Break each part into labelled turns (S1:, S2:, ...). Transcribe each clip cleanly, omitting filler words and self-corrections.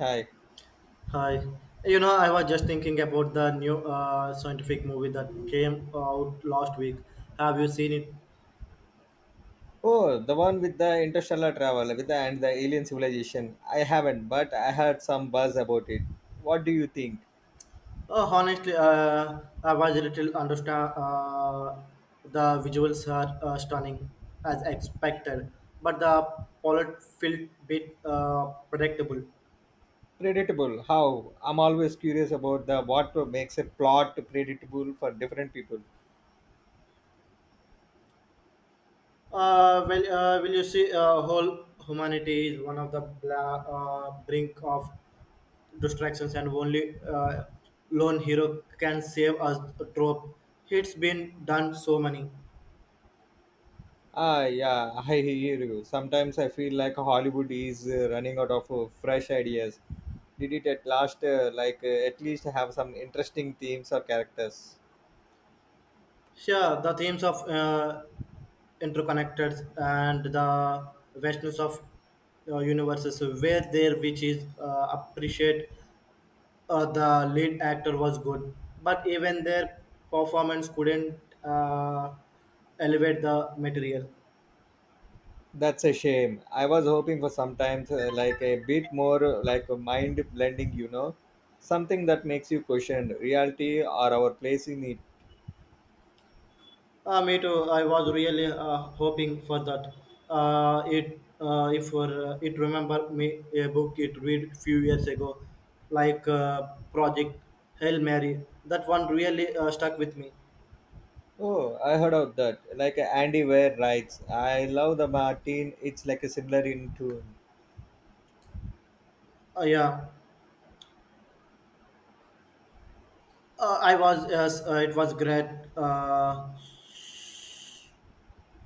S1: Hi.
S2: Hi. I was just thinking about the new scientific movie that came out last week. Have you seen it?
S1: Oh, the one with the interstellar travel with the alien civilization. I haven't, but I heard some buzz about it. What do you think?
S2: Oh, honestly, I was a little understand. The visuals are stunning, as expected, but the plot felt bit predictable.
S1: Predictable. How? I'm always curious about the what makes a plot predictable for different people.
S2: Will you see whole humanity is one of the brink of distractions and only lone hero can save us trope it's been done so many.
S1: Ah, yeah, I hear you. Sometimes I feel like Hollywood is running out of fresh ideas. Did it at last, at least have some interesting themes or characters?
S2: Yeah, the themes of interconnected and the vastness of universes were there, which is appreciate. Uh, the lead actor was good, but even their performance couldn't uh, elevate the material.
S1: That's a shame. I was hoping for sometimes like a bit more like a mind blending, something that makes you question reality or our place in it.
S2: Me too. I was really hoping for that. It if it remember me a book it read few years ago, like Project Hail Mary. That one really stuck with me.
S1: Oh, I heard of that. Like Andy Weir writes, I love the Martin. It's like a similar in tune.
S2: Yeah, I was yes, it was great. Uh,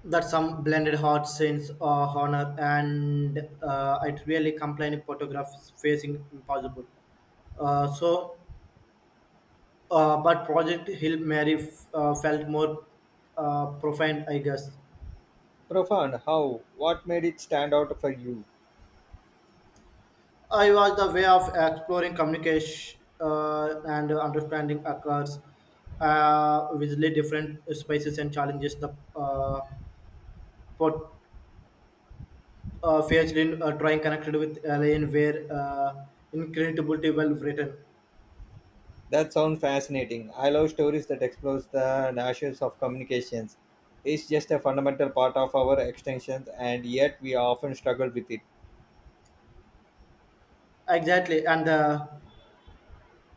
S2: that some blended heart scenes honor, and it really complained photograph facing impossible. So but Project Hill Mary felt more profound, I guess.
S1: Profound. How? What made it stand out for you?
S2: I was the way of exploring communication and understanding occurs visually different spaces, and challenges the pot, faced in trying connected with alien where incredibility well written.
S1: That sounds fascinating. I love stories that explores the issues of communications. It's just a fundamental part of our extensions, and yet we often struggle with it.
S2: Exactly, and the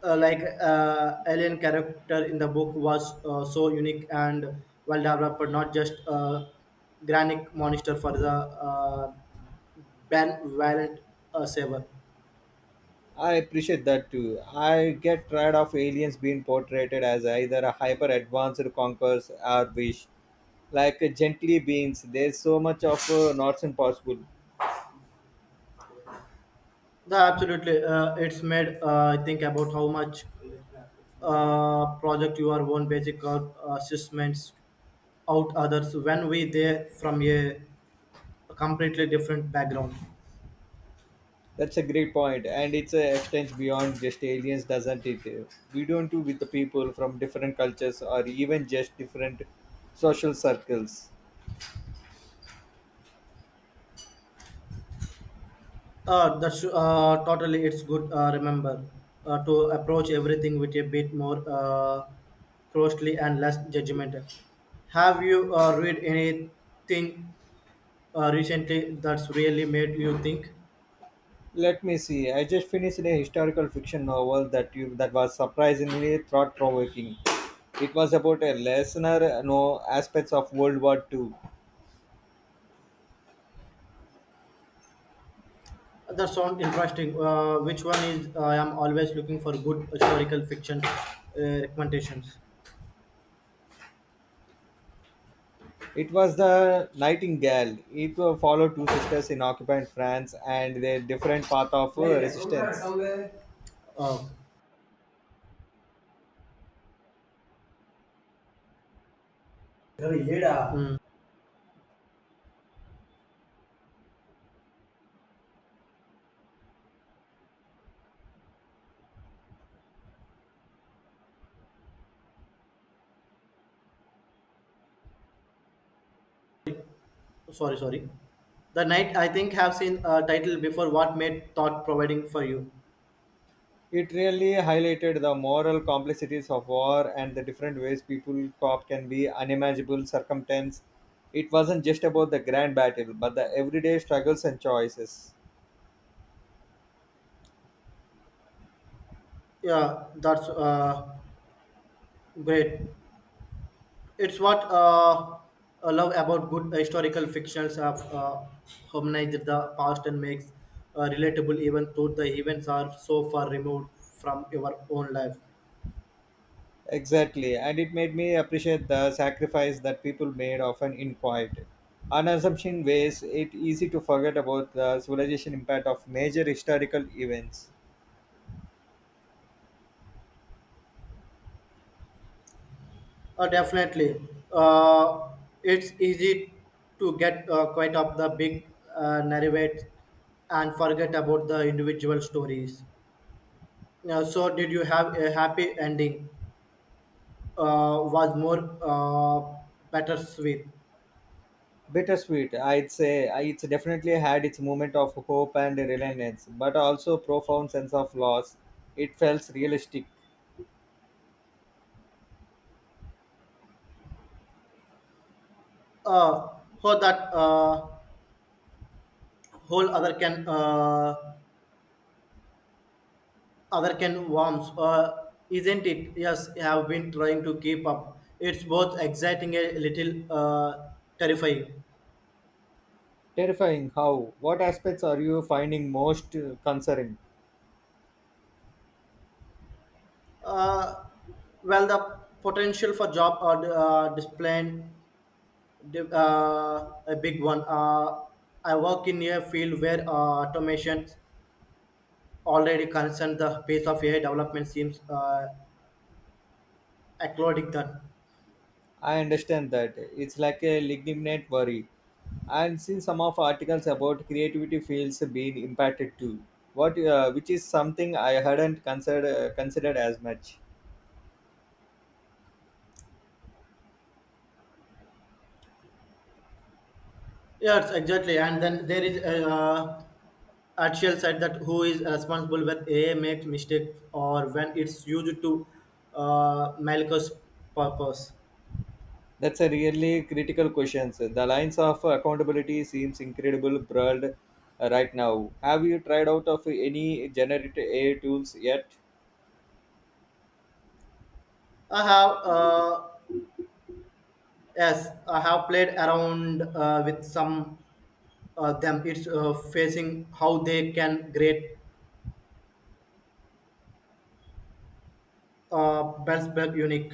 S2: alien character in the book was so unique and well developed, but not just a granic monster for the Ben Violent Saber.
S1: I appreciate that too. I get tired of aliens being portrayed as either a hyper advanced conquerors or wish like gently beings. There's so much of nonsense possible.
S2: The absolutely, it's made think about how much project your own basic assessments out others when we there from a completely different background.
S1: That's a great point, and it's extends beyond just aliens, doesn't it? We don't do with the people from different cultures or even just different social circles.
S2: That's totally. It's good. Remember to approach everything with a bit more closely and less judgmental. Have you read anything recently that's really made you think?
S1: Let me see. I just finished a historical fiction novel that you that was surprisingly thought provoking. It was about a lesser known aspects of World War Two.
S2: That sounds interesting. Which one is? I am always looking for good historical fiction recommendations.
S1: It was the Nightingale. It followed two sisters in occupied France and their different path of
S2: नहीं, देखो, मैं रखा
S1: resistance.
S2: हुआ है। अरे, येड़ा। Sorry, sorry. The night, I think, have seen a title before. What made thought providing for you?
S1: It really highlighted the moral complexities of war and the different ways people cop can be unimaginable circumstance. It wasn't just about the grand battle, but the everyday struggles and choices.
S2: Yeah, that's great. It's what I love about good historical fictions, have humanized the past and makes relatable even though the events are so far removed from your own life.
S1: Exactly, and it made me appreciate the sacrifice that people made often in quiet unassuming ways. It easy to forget about the civilization impact of major historical events.
S2: Definitely. Uh, it's easy to get quite up the big narrative and forget about the individual stories. Yeah, so did you have a happy ending? Was more bittersweet.
S1: Bittersweet, I'd say it's definitely had its moment of hope and reliance, but also profound sense of loss. It felt realistic.
S2: Uh, so that whole other can warms, isn't it? Yes, I have been trying to keep up. It's both exciting and a little terrifying.
S1: Terrifying how? What aspects are you finding most concerning?
S2: Uh, well, the potential for job or display a big one. I work in a field where automation already concerned the pace of AI development seems acrobatic then.
S1: I understand that. It's like a legitimate worry, and seen some of articles about creativity fields being impacted too, what which is something I hadn't considered as much.
S2: Yes, exactly. And then there is actual side that who is responsible when AI makes mistake, or when it's used to malicious purpose.
S1: That's a really critical question. The lines of accountability seems incredible broad right now. Have you tried out of any generative AI tools yet?
S2: I have yes, I have played around with some them. It's facing how they can create best back unique.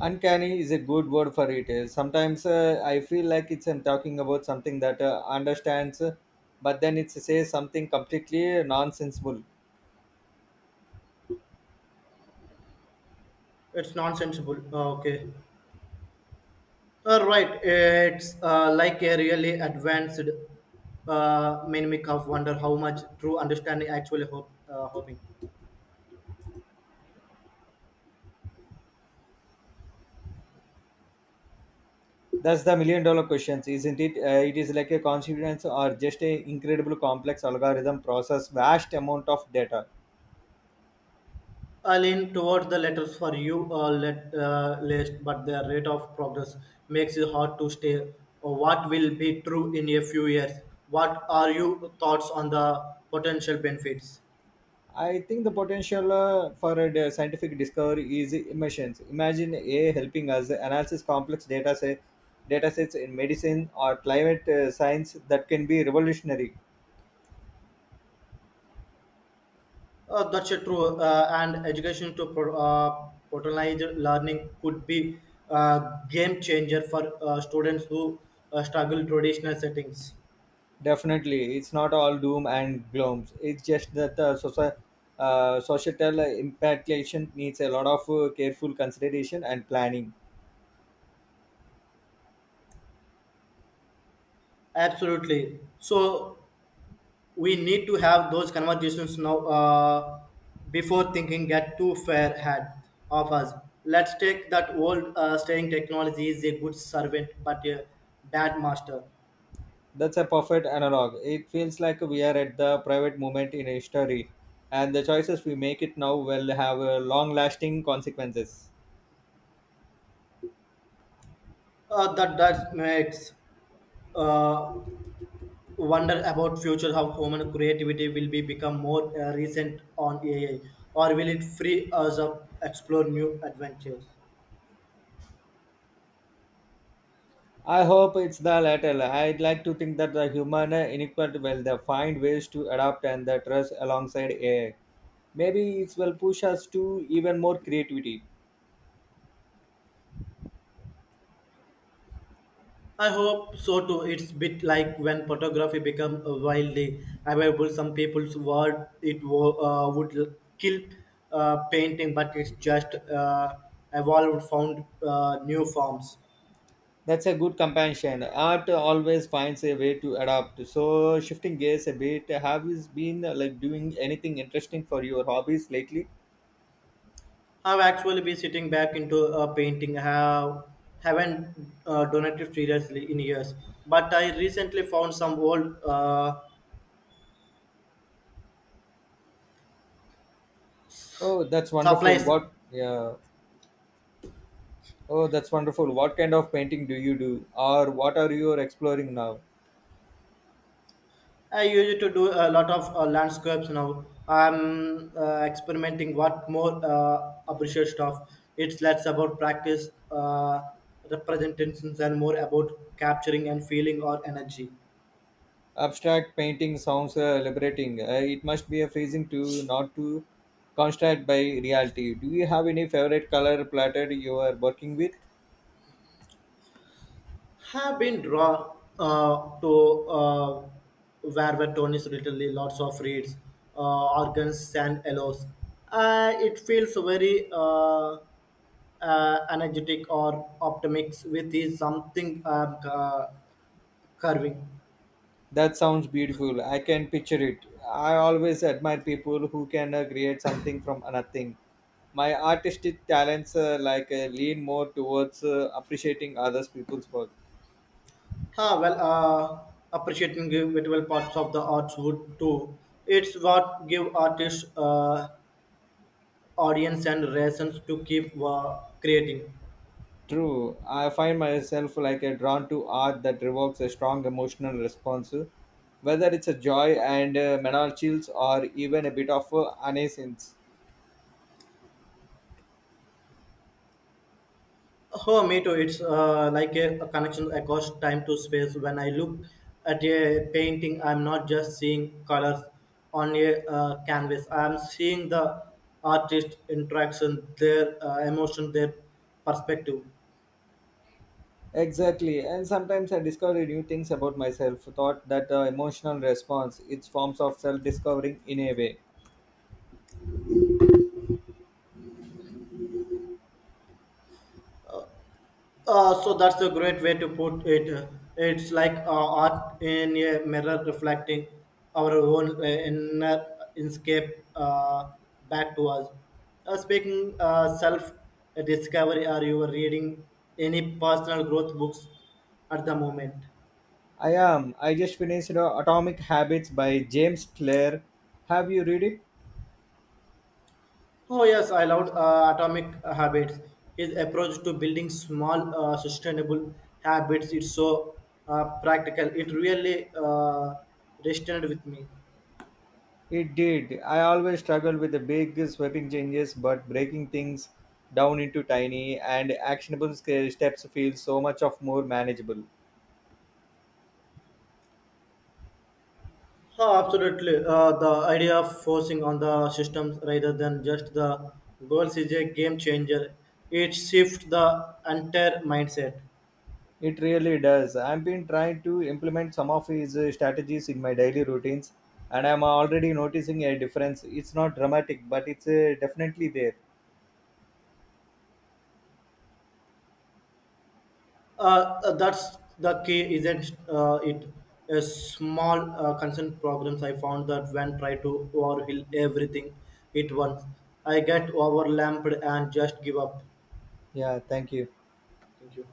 S1: Uncanny is a good word for it. Sometimes I feel like it's I'm talking about something that understands, but then it says something completely nonsensible.
S2: It's nonsensible. Okay. Right, it's like a really advanced mimic of wonder how much true understanding actually hoping.
S1: That's the million dollar question, isn't it? It is like a consequence or just a incredible complex algorithm process vast amount of data.
S2: I lean towards the letters for you list, but the rate of progress makes it hard to stay. What will be true in a few years? What are your thoughts on the potential benefits?
S1: I think the potential for scientific discovery is emissions. Imagine AI helping us analyze data sets in medicine or climate science that can be revolutionary.
S2: That's a true. And education to personalized learning could be a game changer for students who struggle traditional settings.
S1: Definitely, it's not all doom and gloom. It's just that the societal impactation needs a lot of careful consideration and planning.
S2: Absolutely. So we need to have those conversations now before thinking get too far ahead of us. Let's take that old saying: technology is a good servant but a bad master.
S1: That's a perfect analog. It feels like we are at the private moment in history, and the choices we make it now will have long lasting consequences.
S2: That makes uh, wonder about future how human creativity will be become more recent on AI, or will it free us up explore new adventures?
S1: I hope it's the latter. I'd like to think that the human inequality will the find ways to adapt and the trust alongside AI. Maybe it will push us to even more creativity.
S2: I hope so too. It's bit like when photography become wildly available. Some people's word it would kill painting, but it's just evolved, found new forms.
S1: That's a good companion. Art always finds a way to adapt. So shifting gears a bit, have you been like doing anything interesting for your hobbies lately?
S2: I've actually been sitting back into a painting. Haven't donated seriously in years, but I recently found some old
S1: Oh, that's wonderful.
S2: supplies.
S1: What, yeah. Oh, that's wonderful. What kind of painting do you do, or what are you exploring now?
S2: I used to do a lot of landscapes now. I'm experimenting what more appreciate stuff. It's less about practice, representations, and more about capturing and feeling or energy.
S1: Abstract painting sounds liberating. It must be a freezing to not to constrained by reality. Do you have any favorite color platter you are working with?
S2: Have been drawn to Warburton is literally lots of reeds, organs, and aloes. It feels very energetic or optimistic with his something curving.
S1: That sounds beautiful. I can picture it. I always admire people who can create something from nothing. My artistic talents lean more towards appreciating others people's work.
S2: Ah, well, appreciating individual parts of the arts would too. It's what give artists audience and reasons to keep creating.
S1: True, I find myself like a drawn to art that evokes a strong emotional response, whether it's a joy and mental chills or even a bit of uneasiness.
S2: Oh, me too. It's like a connection across time to space. When I look at a painting, I'm not just seeing colors on a canvas. I'm seeing the artist interaction, their emotion, their perspective.
S1: Exactly, and sometimes I discover new things about myself. Thought that emotional response, it's forms of self-discovering in a way.
S2: So that's a great way to put it. It's like art in a mirror reflecting our own inner escape back to us. Speaking self discovery, are you reading any personal growth books at the moment?
S1: I am. I just finished Atomic Habits by James Clear. Have you read it?
S2: Oh yes, I loved Atomic Habits. His approach to building small, sustainable habits is so practical. It really resonated with me.
S1: It did. I always struggle with the big sweeping changes, but breaking things down into tiny and actionable steps feels so much of more manageable.
S2: Oh, absolutely. The idea of forcing on the systems rather than just the goals is a game changer. It shifts the entire mindset.
S1: It really does. I've been trying to implement some of his strategies in my daily routines, and I'm already noticing a difference. It's not dramatic, but it's definitely there.
S2: That's the key, isn't it? A small concern programs. I found that when try to overhaul everything at once, I get overwhelmed and just give up.
S1: Yeah, thank you.
S2: Thank you.